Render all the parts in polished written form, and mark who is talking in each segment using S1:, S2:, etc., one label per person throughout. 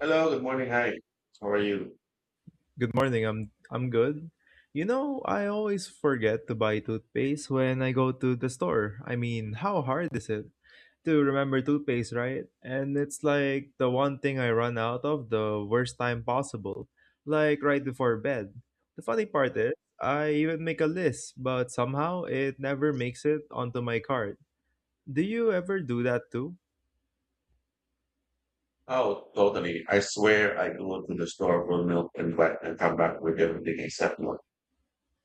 S1: Hello, good morning. Hi, how are you?
S2: Good morning. I'm good. You know, I always forget to buy toothpaste when I go to the store. I mean, how hard is it to remember toothpaste, right? And it's like the one thing I run out of the worst time possible, like right before bed. The funny part is, I even make a list, but somehow it never makes it onto my cart. Do you ever do that too?
S1: Oh, totally. I swear I go to the store for milk and back and come back with everything except milk.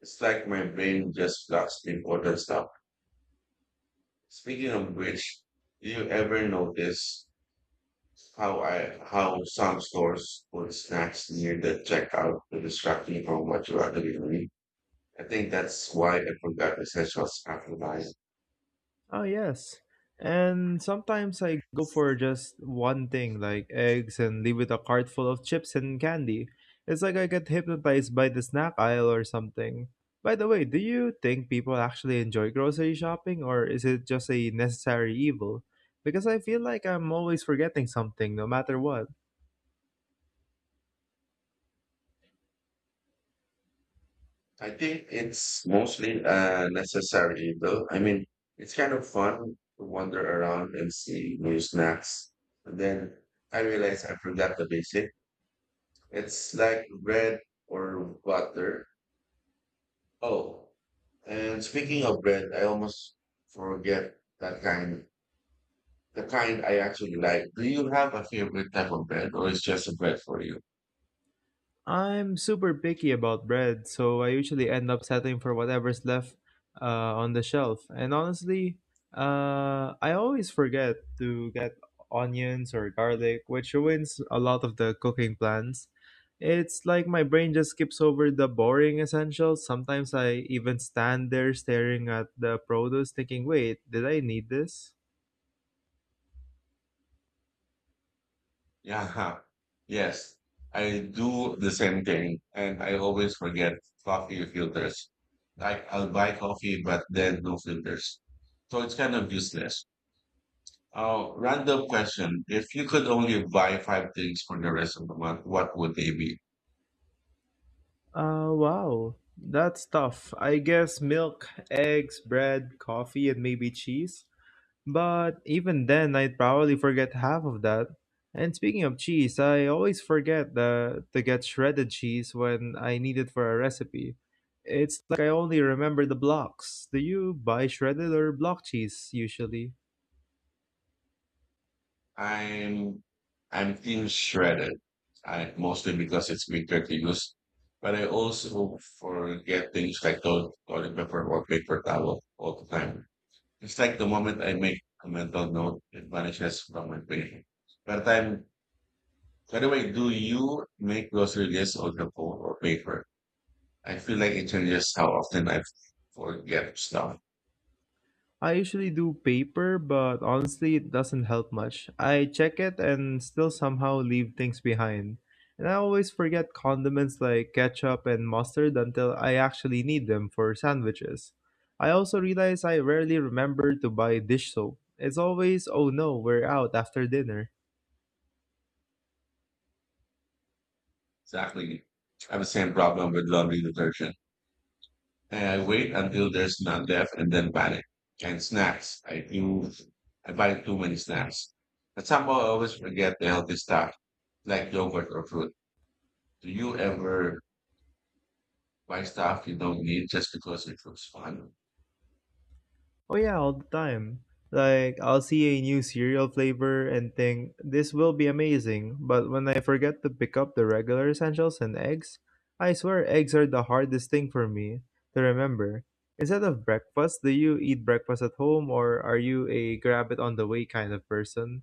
S1: It's like my brain just blocks the important stuff. Speaking of which, do you ever notice how some stores put snacks near the checkout to distract you from what you are actually doing? I think that's why I forgot essentials after buying.
S2: Oh, yes. And sometimes I go for just one thing, like eggs, and leave with a cart full of chips and candy. It's like I get hypnotized by the snack aisle or something. By the way, do you think people actually enjoy grocery shopping, or is it just a necessary evil? Because I feel like I'm always forgetting something, no matter what.
S1: I think it's mostly a necessary though. I mean, it's kind of fun to wander around and see new snacks. And then I realized I forgot the basic. It's like bread or butter. Oh, and speaking of bread, I almost forget that kind, the kind I actually like. Do you have a favorite type of bread or is just a bread for you?
S2: I'm super picky about bread, so I usually end up settling for whatever's left on the shelf. And honestly, I always forget to get onions or garlic, which ruins a lot of the cooking plans. It's like my brain just skips over the boring essentials. Sometimes I even stand there staring at the produce, thinking, wait, did I need this?
S1: Yeah, yes. I do the same thing and I always forget coffee filters. Like I'll buy coffee, but then no filters. So it's kind of useless. Random question. If you could only buy five things for the rest of the month, what would they be?
S2: Wow. That's tough. I guess milk, eggs, bread, coffee, and maybe cheese. But even then, I'd probably forget half of that. And speaking of cheese, I always forget to get shredded cheese when I need it for a recipe. It's like I only remember the blocks. Do you buy shredded or block cheese usually?
S1: I'm I'm team shredded. I mostly because it's quicker to use. But I also forget things like toilet paper or paper towel all the time. It's like the moment I make a mental note, it vanishes from my brain. By the time, by the way, do you make grocery lists on the phone or paper? I feel like it changes how often I forget stuff.
S2: I usually do paper, but honestly, it doesn't help much. I check it and still somehow leave things behind. And I always forget condiments like ketchup and mustard until I actually need them for sandwiches. I also realize I rarely remember to buy dish soap. It's always, oh no, we're out after dinner.
S1: Exactly. I have the same problem with laundry detergent. I wait until there's none left and then panic. And snacks. I buy too many snacks. But somehow I always forget the healthy stuff, like yogurt or fruit. Do you ever buy stuff you don't need just because it looks fun?
S2: Oh yeah, all the time. Like I'll see a new cereal flavor and think this will be amazing, but when I forget to pick up the regular essentials and eggs, I swear eggs are the hardest thing for me to remember. Instead of breakfast, do you eat breakfast at home or are you a grab it on the way kind of person?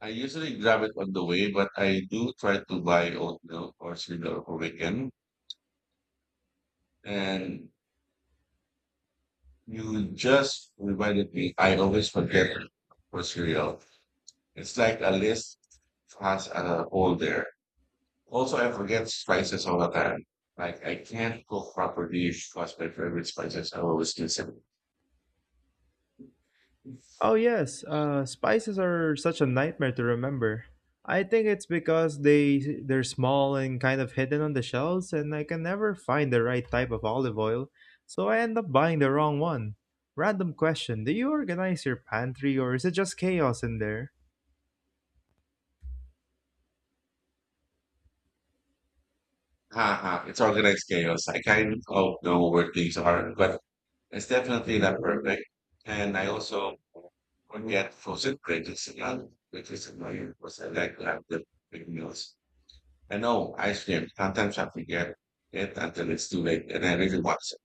S1: I usually grab it on the way, but I do try to buy oatmeal or cereal over weekend. And you just reminded me, I always forget for cereal. It's like a list has a hole there. Also, I forget spices all the time. Like I can't cook properly because my favorite spices are always missing.
S2: Oh, yes, spices are such a nightmare to remember. I think it's because they're small and kind of hidden on the shelves, and I can never find the right type of olive oil, so I end up buying the wrong one. Random question: Do you organize your pantry, or is it just chaos in there?
S1: Haha, it's organized chaos. I kind of know where things are, but it's definitely not perfect. And I also would get frozen credits a lot, which is annoying because I like to have the big meals. I know ice cream. Sometimes I forget it until it's too late and I really want it.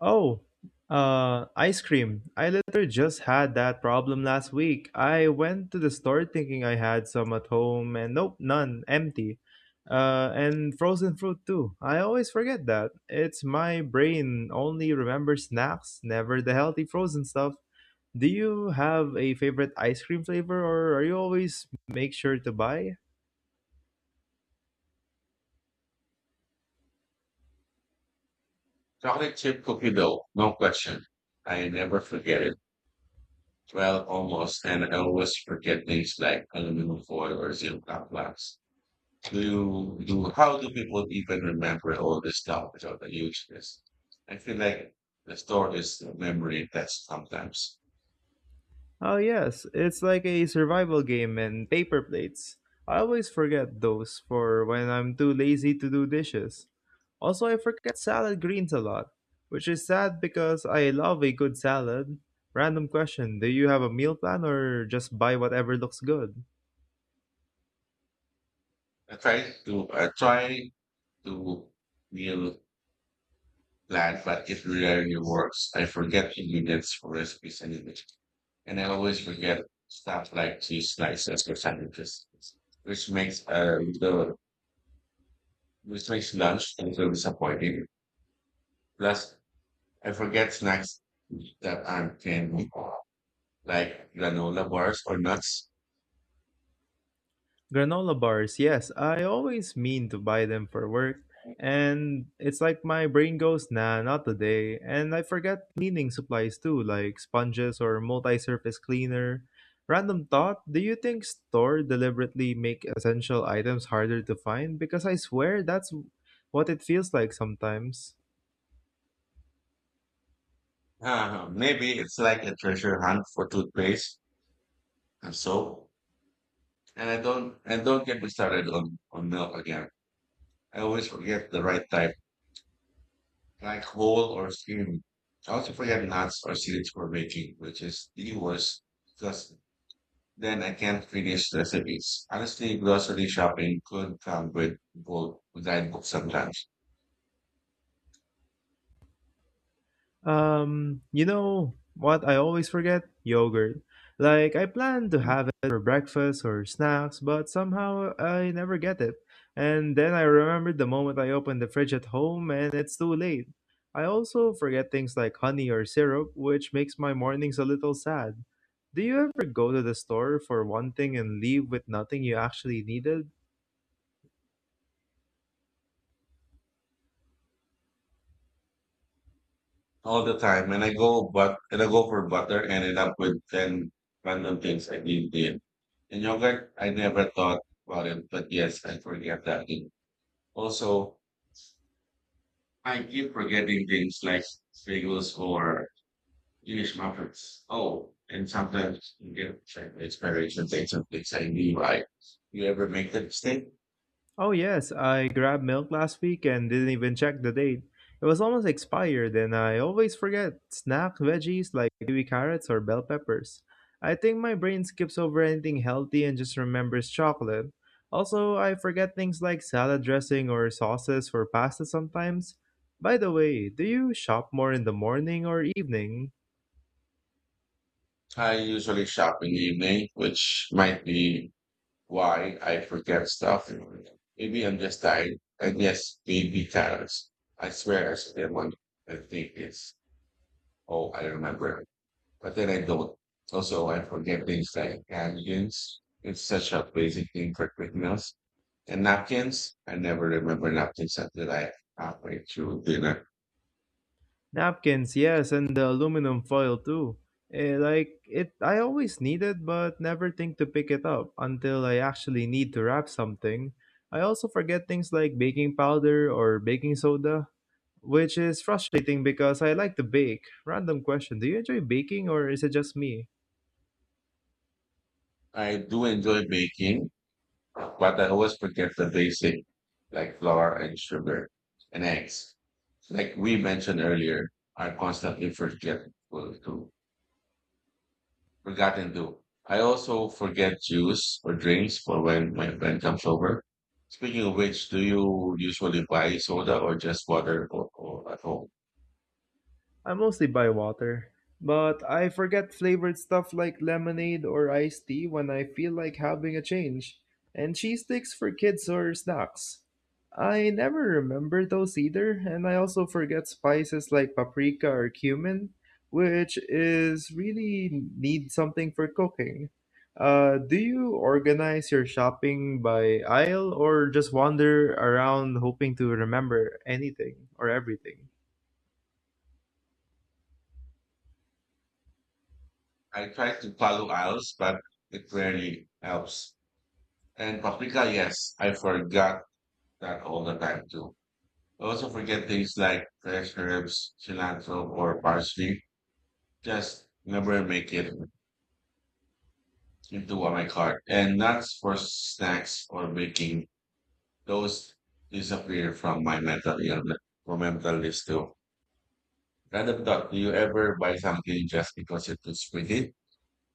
S2: Oh, ice cream. I literally just had that problem last week. I went to the store thinking I had some at home, and nope, none, empty. And frozen fruit too. I always forget that. It's my brain only remembers snacks, never the healthy frozen stuff. Do you have a favorite ice cream flavor, or are you always make sure to buy?
S1: Chocolate chip cookie dough, no question. I never forget it. Well, almost. And I always forget things like aluminum foil or zip blocks. Do do how do people even remember all this stuff without the use. I feel like the store is a memory test sometimes.
S2: Oh, yes, it's like a survival game and paper plates. I always forget those for when I'm too lazy to do dishes. Also, I forget salad greens a lot, which is sad because I love a good salad. Random question, do you have a meal plan or just buy whatever looks good?
S1: I try to meal plan, but it rarely works. I forget ingredients for recipes anyway, and I always forget stuff like cheese slices or sandwiches, which makes uh the which makes lunch a little disappointing. Plus, I forget snacks that I can like granola bars or nuts.
S2: Granola bars, yes. I always mean to buy them for work, and it's like my brain goes, nah, not today. And I forget cleaning supplies too, like sponges or multi-surface cleaner. Random thought, do you think store deliberately make essential items harder to find? Because I swear that's what it feels like sometimes.
S1: Maybe it's like a treasure hunt for toothpaste and soap. And don't get me started on milk again. I always forget the right type, like whole or skim. I also forget nuts or seeds for baking, which is the worst because then I can't finish recipes. Honestly, grocery shopping could come with both with guidebooks sometimes.
S2: You know what I always forget? Yogurt. Like I plan to have it for breakfast or snacks, but somehow I never get it. And then I remember the moment I open the fridge at home and it's too late. I also forget things like honey or syrup, which makes my mornings a little sad. Do you ever go to the store for one thing and leave with nothing you actually needed?
S1: All the time, and I go for butter and end up with 10 random things I didn't did. And yogurt, I never thought about it, but yes, I forget that thing. Also, I keep forgetting things like bagels or English muffins. Oh, and sometimes you get like inspiration things and things I knew I, you ever make that mistake?
S2: Oh, yes, I grabbed milk last week and didn't even check the date. It was almost expired, and I always forget snack veggies like kiwi carrots or bell peppers. I think my brain skips over anything healthy and just remembers chocolate. Also, I forget things like salad dressing or sauces for pasta sometimes. By the way, do you shop more in the morning or evening?
S1: I usually shop in the evening, which might be why I forget stuff. Maybe I'm just tired. And yes, maybe carrots. I swear I saw them and think it's, oh, I remember. But then I don't. Also, I forget things like napkins. It's such a basic thing for quick meals. And napkins, I never remember napkins until I halfway through dinner.
S2: Napkins, yes, and the aluminum foil too. Eh, like it, I always need it, but never think to pick it up until I actually need to wrap something. I also forget things like baking powder or baking soda, which is frustrating because I like to bake. Random question: Do you enjoy baking, or is it just me?
S1: I do enjoy baking, but I always forget the basic, like flour and sugar and eggs. Like we mentioned earlier, I constantly forget well, to forgotten to. I also forget juice or drinks for when my friend comes over. Speaking of which, do you usually buy soda or just water or at home?
S2: I mostly buy water, but I forget flavored stuff like lemonade or iced tea when I feel like having a change, and cheese sticks for kids or snacks. I never remember those either, and I also forget spices like paprika or cumin, which is really need something for cooking. Do you organize your shopping by aisle or just wander around hoping to remember anything or everything?
S1: I try to follow aisles, but it rarely helps. And paprika, yes, I forgot that all the time too. Also forget things like fresh herbs, cilantro, or parsley. Just never make it into my cart. And nuts for snacks or baking. Those disappear from my mental illness, from mental list too. Random thought, do you ever buy something just because it looks pretty,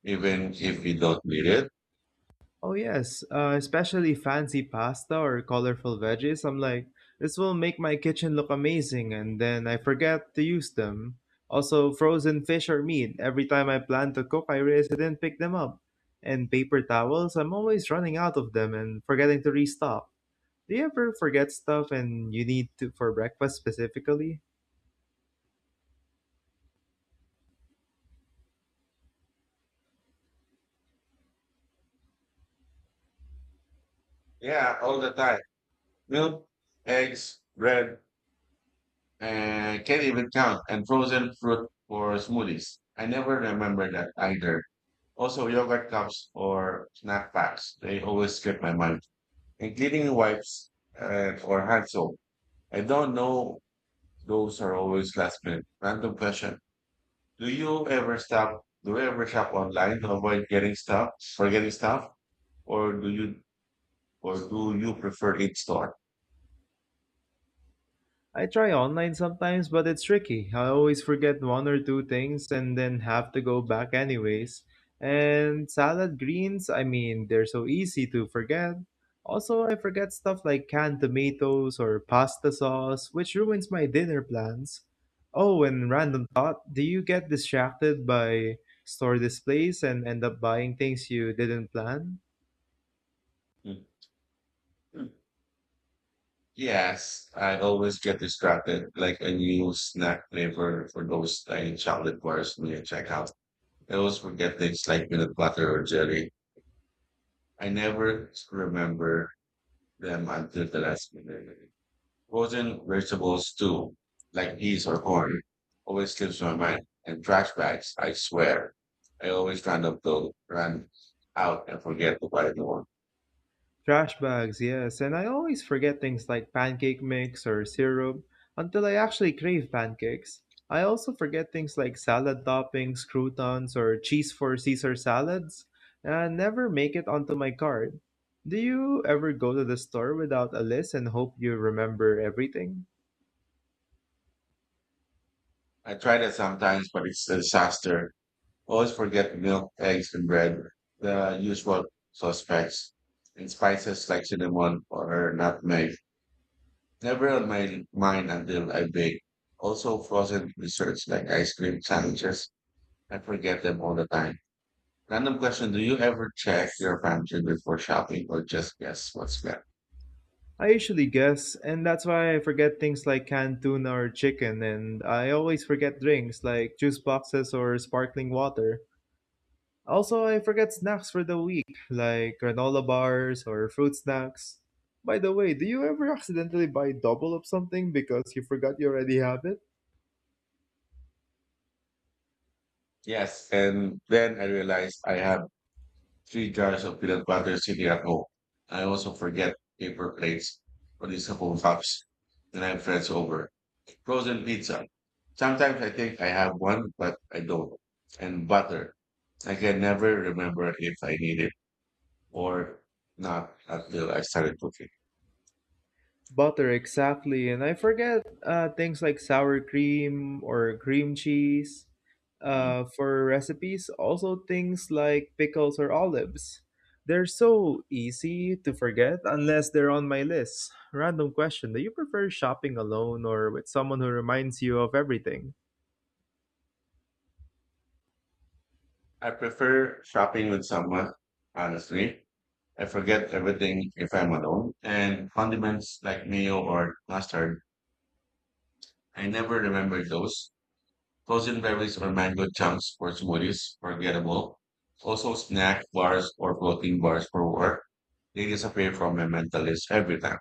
S1: even if you don't need it?
S2: Oh yes, especially fancy pasta or colorful veggies. I'm like, this will make my kitchen look amazing, and then I forget to use them. Also, frozen fish or meat. Every time I plan to cook, I realize I didn't pick them up. And paper towels. I'm always running out of them and forgetting to restock. Do you ever forget stuff and you need to for breakfast specifically?
S1: Yeah, all the time. Milk, eggs, bread, and can't even count, and frozen fruit for smoothies. I never remember that either. Also, yogurt cups or snack packs, they always skip my mind, including wipes or hand soap. I don't know, those are always last minute. Random question. Do you ever stop? Do you ever shop online to avoid getting stuff, forgetting stuff, or do you, or do you prefer in store?
S2: I try online sometimes, but it's tricky. I always forget one or two things and then have to go back anyways. And salad greens, I mean, they're so easy to forget. Also, I forget stuff like canned tomatoes or pasta sauce, which ruins my dinner plans. Oh, and random thought, do you get distracted by store displays and end up buying things you didn't plan?
S1: Mm. Yes, I always get distracted, like a new snack flavor for those tiny chocolate bars when you check out. I always forget things like peanut butter or jelly. I never remember them until the last minute. Frozen vegetables too, like peas or corn, always slips my mind. And trash bags, I swear, I always run out and forget to buy more.
S2: Trash bags, yes, and I always forget things like pancake mix or syrup until I actually crave pancakes. I also forget things like salad toppings, croutons, or cheese for Caesar salads, and I never make it onto my card. Do you ever go to the store without a list and hope you remember everything?
S1: I try that sometimes, but it's a disaster. Always forget milk, eggs, and bread, the usual suspects, and spices like cinnamon or nutmeg. Never on my mind until I bake. Also, frozen desserts like ice cream sandwiches. I forget them all the time. Random question: do you ever check your pantry before shopping, or just guess what's left?
S2: I usually guess, and that's why I forget things like canned tuna or chicken, and I always forget drinks like juice boxes or sparkling water. Also, I forget snacks for the week, like granola bars or fruit snacks. By the way, do you ever accidentally buy double of something because you forgot you already have it?
S1: Yes, and then I realized I have three jars of peanut butter sitting at home. I also forget paper plates, reusable cups, and I have friends over. Frozen pizza. Sometimes I think I have one, but I don't. And butter. I can never remember if I need it or not until I started cooking.
S2: Butter, exactly. And I forget things like sour cream or cream cheese
S1: Mm.
S2: for recipes. Also, things like pickles or olives. They're so easy to forget unless they're on my list. Random question, do you prefer shopping alone or with someone who reminds you of everything?
S1: I prefer shopping with someone, honestly. I forget everything if I'm alone. And condiments like mayo or mustard, I never remember those. Frozen beverages or mango chunks for smoothies, forgettable. Also, snack bars or protein bars for work. They disappear from my mental list every time,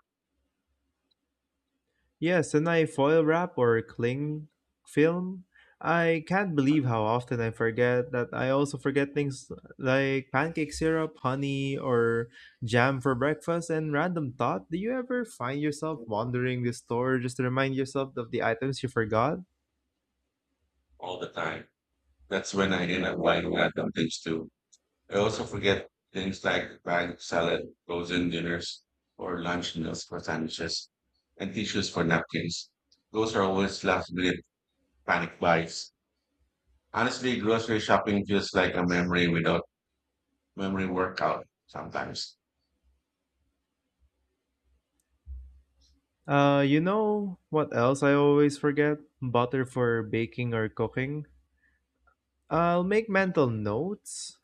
S2: Yes, and I foil wrap or cling film. I can't believe how often I forget that I also forget things like pancake syrup, honey, or jam for breakfast. And random thought, do you ever find yourself wandering the store just to remind yourself of the items you forgot?
S1: all the time. That's when I end up buying random things too. I also forget things like bagged salad, frozen dinners, or lunch meals for sandwiches, and tissues for napkins. Those are always last minute panic buys. Honestly, grocery shopping feels like a memory without memory workout sometimes.
S2: You know what else I always forget? Butter for baking or cooking. I'll make mental notes,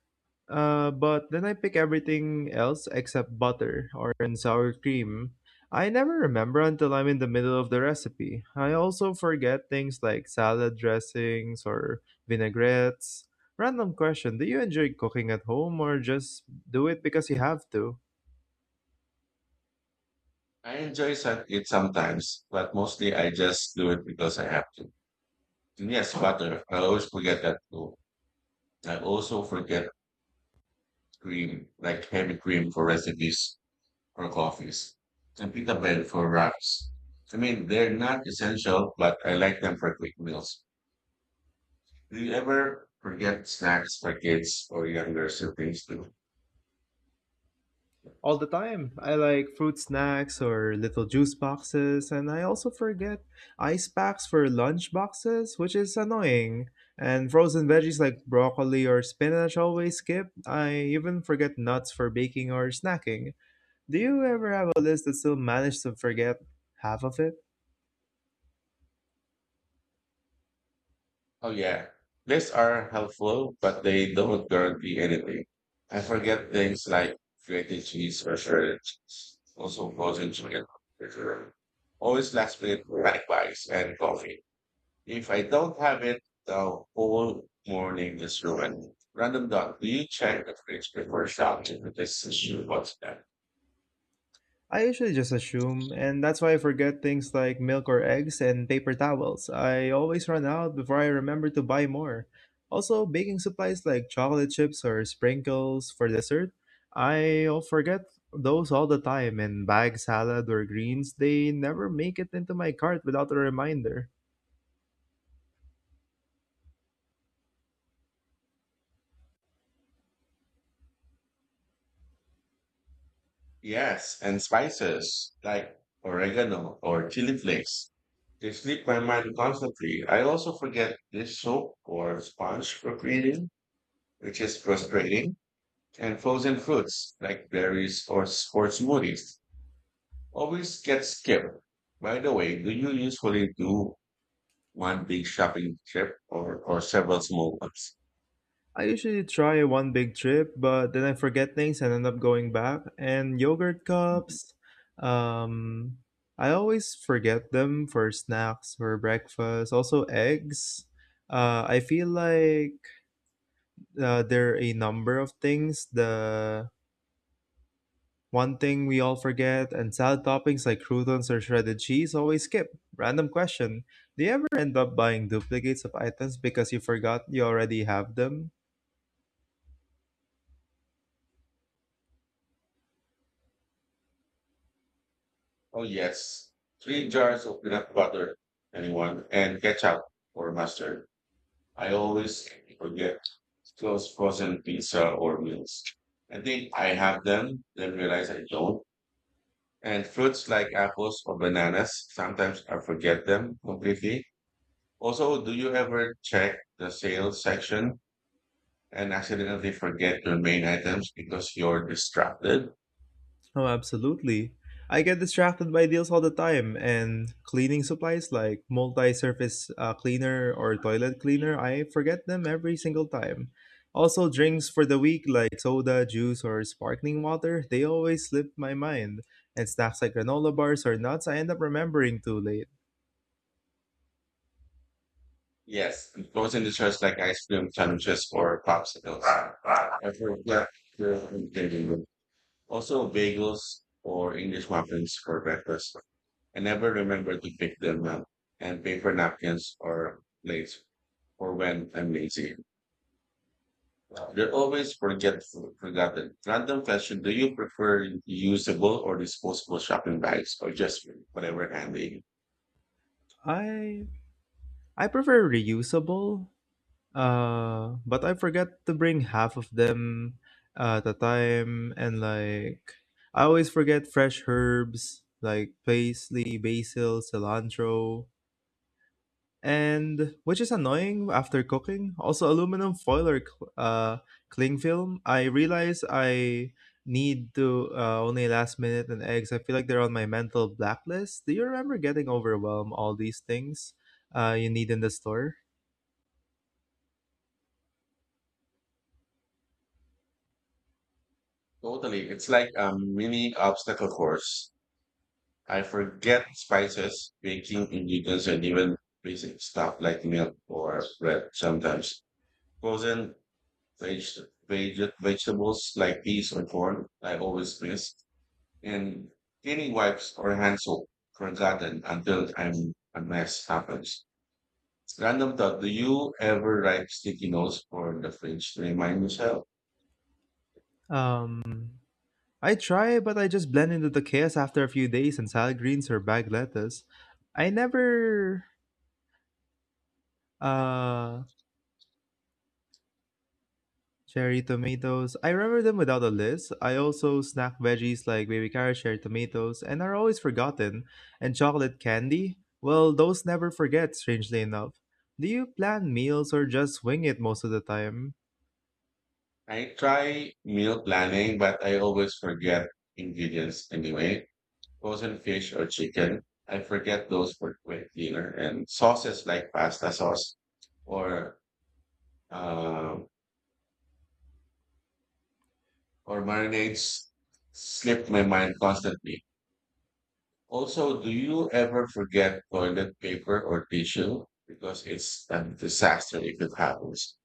S2: but then I pick everything else except butter or in sour cream. I never remember until I'm in the middle of the recipe. I also forget things like salad dressings or vinaigrettes. Random question, do you enjoy cooking at home or just do it because you have to?
S1: I enjoy it sometimes, but mostly I just do it because I have to. And yes, butter. I always forget that too. I also forget cream, like heavy cream for recipes or coffees, and pita bread for wraps. I mean, they're not essential, but I like them for quick meals. Do you ever forget snacks for kids or younger siblings too?
S2: All the time. I like fruit snacks or little juice boxes, and I also forget ice packs for lunch boxes, which is annoying. And frozen veggies like broccoli or spinach always skip. I even forget nuts for baking or snacking. Do you ever have a list that still manage to forget half of it?
S1: Oh yeah, lists are helpful, but they don't guarantee anything. I forget things like creating cheese or shredded cheese, also frozen chicken, etc. Always last minute snack bites and coffee. If I don't have it, the whole morning is ruined. Random dot, do you check the fridge before shopping? This is what's that?
S2: I usually just assume, and that's why I forget things like milk or eggs and paper towels. I always run out before I remember to buy more. Also, baking supplies like chocolate chips or sprinkles for dessert, I'll forget those all the time, and bag salad or greens, they never make it into my cart without a reminder.
S1: Yes, and spices like oregano or chili flakes. They slip my mind constantly. I also forget dish soap or sponge for creating, which is frustrating. And frozen fruits like berries or smoothies always get skipped. By the way, do you usually do one big shopping trip or several small ones?
S2: I usually try one big trip, but then I forget things and end up going back. And yogurt
S1: Mm.
S2: cups, um, I always forget them for snacks, for breakfast. Also, eggs. I feel like there are a number of things. The one thing we all forget, and salad toppings like croutons or shredded cheese always skip. Random question. Do you ever end up buying duplicates of items because you forgot you already have them?
S1: Oh, yes. Three jars of peanut butter, anyone, and ketchup or mustard. I always forget close frozen pizza or meals. I think I have them, then realize I don't. And fruits like apples or bananas, sometimes I forget them completely. Also, do you ever check the sales section and accidentally forget your main items because you're distracted?
S2: Oh, absolutely. I get distracted by deals all the time, and cleaning supplies like multi surface cleaner or toilet cleaner, I forget them every single time. Also, drinks for the week like soda, juice, or sparkling water, they always slip my mind. And snacks like granola bars or nuts, I end up remembering too late.
S1: Yes, and frozen desserts like ice cream sandwiches or popsicles. I forget the ingredient. Also, bagels or English muffins for breakfast. I never remember to pick them up and paper napkins or plates for when I'm lazy. They're always forget forgotten. Random question: do you prefer reusable or disposable shopping bags, or just whatever handy?
S2: I I prefer reusable. But I forgot to bring half of them at a time, and like I always forget fresh herbs like parsley, basil, cilantro, and which is annoying after cooking. Also, aluminum foil or cling film. I realize I need to only last minute, and eggs. I feel like they're on my mental blacklist. Do you remember getting overwhelmed all these things you need in the store?
S1: Totally, it's like a mini obstacle course. I forget spices, baking ingredients, and even basic stuff like milk or bread. Sometimes frozen veg- vegetables like peas or corn, I always miss. In cleaning wipes or hand soap forgotten until I'm a mess happens. Random thought, do you ever write sticky notes for the fridge to remind yourself?
S2: Um, I try, but I just blend into the chaos after a few days, and salad greens or bag lettuce. I never uh cherry tomatoes. I remember them without a list. I also snack veggies like baby carrots, cherry tomatoes, and are always forgotten. And chocolate candy? Well, those never forget, strangely enough. Do you plan meals or just wing it most of the time?
S1: I try meal planning, but I always forget ingredients anyway. Frozen fish or chicken, I forget those for quick dinner and sauces like pasta sauce or uh, or marinades slip my mind constantly. Also, do you ever forget toilet paper or tissue? Because it's a disaster if it happens.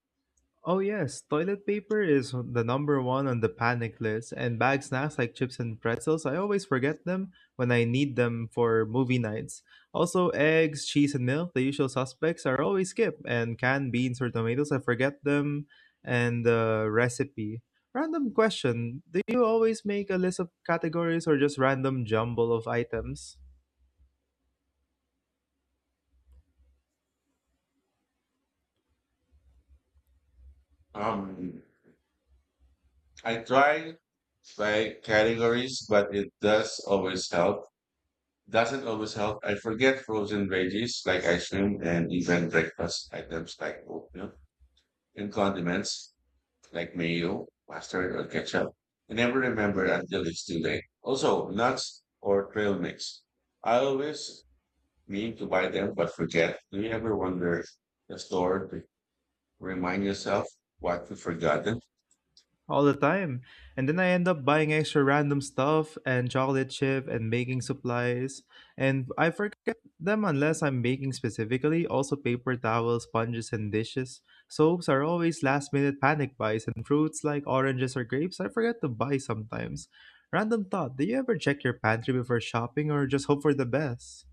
S2: Oh yes, toilet paper is the number one on the panic list, and bag snacks like chips and pretzels, I always forget them when I need them for movie nights. Also, eggs, cheese, and milk, the usual suspects, are always skipped, and canned beans or tomatoes, I forget them and the recipe. Random question, do you always make a list of categories or just random jumble of items?
S1: Um, I try by categories, but it does always help. Doesn't always help. I forget frozen veggies like ice cream and even breakfast items like oatmeal and condiments like mayo, mustard, or ketchup. I never remember until it's too late. Also, nuts or trail mix. I always mean to buy them but forget. Do you ever wander the store to remind yourself what you've forgotten?
S2: All the time. And then I end up buying extra random stuff, and chocolate chip and baking supplies. And I forget them unless I'm baking specifically. Also, paper towels, sponges, and dishes. Soaps are always last minute panic buys, and fruits like oranges or grapes I forget to buy sometimes. Random thought, do you ever check your pantry before shopping or just hope for the best?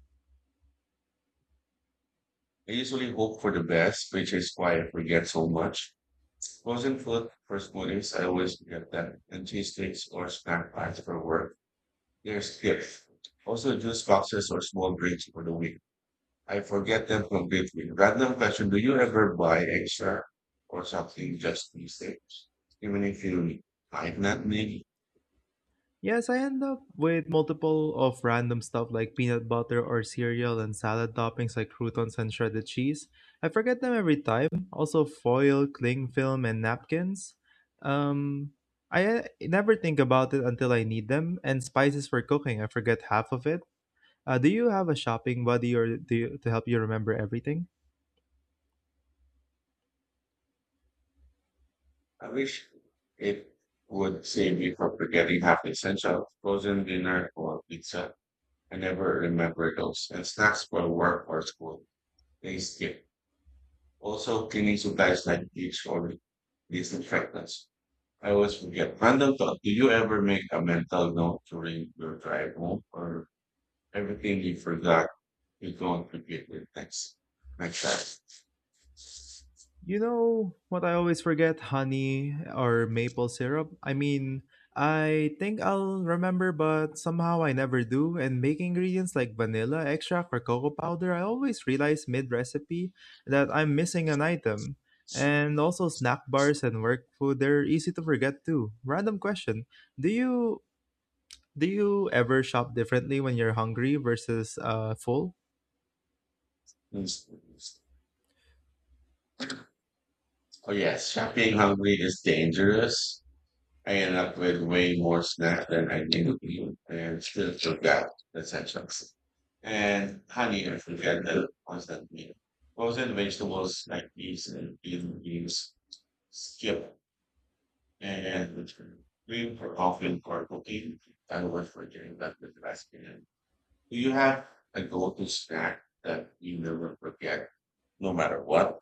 S1: I usually hope for the best, which is why I forget so much. Frozen food for smoothies, I always forget that, and cheese sticks or snack packs for work. They're skipped. Also, juice boxes or small drinks for the week. I forget them completely. Random question: do you ever buy extra or something just these days, even if you might not need?
S2: Yes, I end up with multiple of random stuff like peanut butter or cereal, and salad toppings like croutons and shredded cheese. I forget them every time. Also foil, cling film, and napkins. Um, I never think about it until I need them. And spices for cooking, I forget half of it. Do you have a shopping buddy, or do you, to help you remember everything?
S1: I wish it would save me from forgetting half the essential frozen dinner or pizza. I never remember those. And snacks for work or school, they skip. Also, cleaning supplies like bleach or disinfectants. I always forget. Random thought: do you ever make a mental note during your drive home, or everything you forgot you don't repeat it next time?
S2: You know what I always forget? Honey or maple syrup? I mean, I think I'll remember, but somehow I never do. And making ingredients like vanilla extract or cocoa powder, I always realize mid recipe that I'm missing an item. And also, snack bars and work food, they're easy to forget too. Random question. Do you. Do you ever shop differently when you're hungry versus full?
S1: Oh yes, shopping hungry is dangerous. I ended up with way more snacks than I knew you and still took out the sections. And honey, I forget the constant meal. Frozen vegetables like peas and bean leaves skip and green for often for cooking. I was forgetting that with the best meal. Do you have a go-to snack that you never forget, no matter what?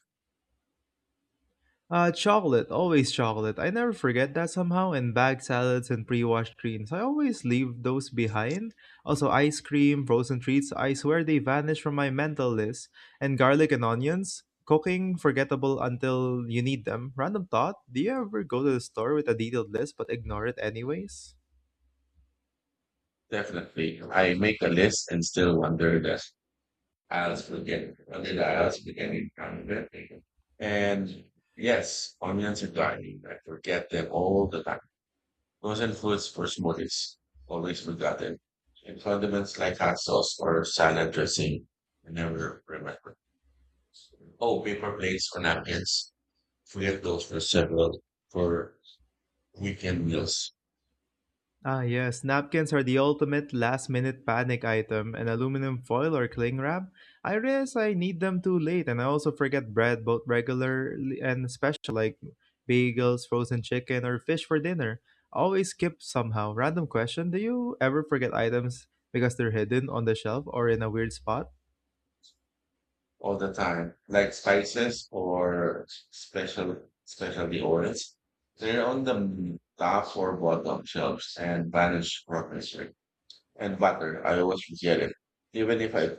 S2: Chocolate, always chocolate. I never forget that somehow. And bag salads and pre-washed greens. I always leave those behind. Also, ice cream, frozen treats. I swear they vanish from my mental list. And garlic and onions. Cooking, forgettable until you need them. Random thought. Do you ever go to the store with a detailed list but ignore it anyways?
S1: Definitely. I make a list and still wonder that as we get, did as we get in. And yes, onions are dying. I forget them all the time. Frozen foods for smoothies, always forgotten. And condiments like hot sauce or salad dressing, I never remember. Oh, paper plates or napkins. Forget those for weekend meals.
S2: Ah, yes, napkins are the ultimate last minute panic item, and aluminum foil or cling wrap. I realize I need them too late, and I also forget bread, both regular and special, like bagels, frozen chicken, or fish for dinner. Always skip somehow. Random question. Do you ever forget items because they're hidden on the shelf or in a weird spot?
S1: All the time, like spices or specialty oils. They're on the top or bottom shelves and vanish progressively. And butter, I always forget it, even if I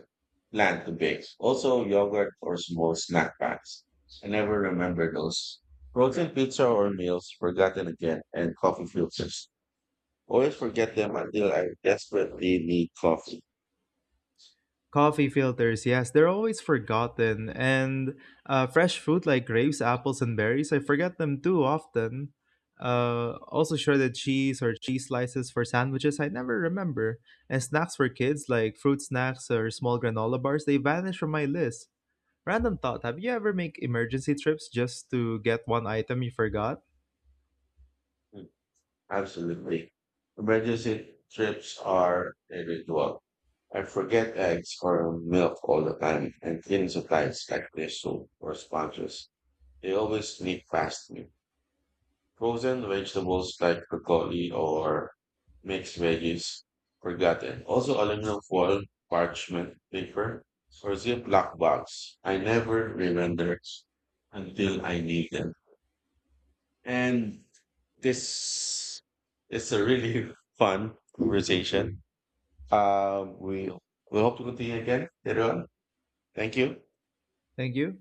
S1: plan to bake. Also, yogurt or small snack packs. I never remember those. Frozen pizza or meals, forgotten again, and coffee filters. Always forget them until I desperately need coffee.
S2: Coffee filters, yes, they're always forgotten. And fresh fruit like grapes, apples, and berries, I forget them too often. Also, shredded cheese or cheese slices for sandwiches, I never remember. And snacks for kids like fruit snacks or small granola bars, they vanish from my list. Random thought. Have you ever make emergency trips just to get one item you forgot?
S1: Absolutely. Emergency trips are a ritual. I forget eggs or milk all the time, and cleaning supplies like tissue or sponges. They always sneak past me. Frozen vegetables like broccoli or mixed veggies, forgotten. Also, aluminum foil, parchment paper, or Ziploc bags. I never remember until I need them. And this is a really fun conversation. Uh, we we hope to continue again later on. Thank you.
S2: Thank you.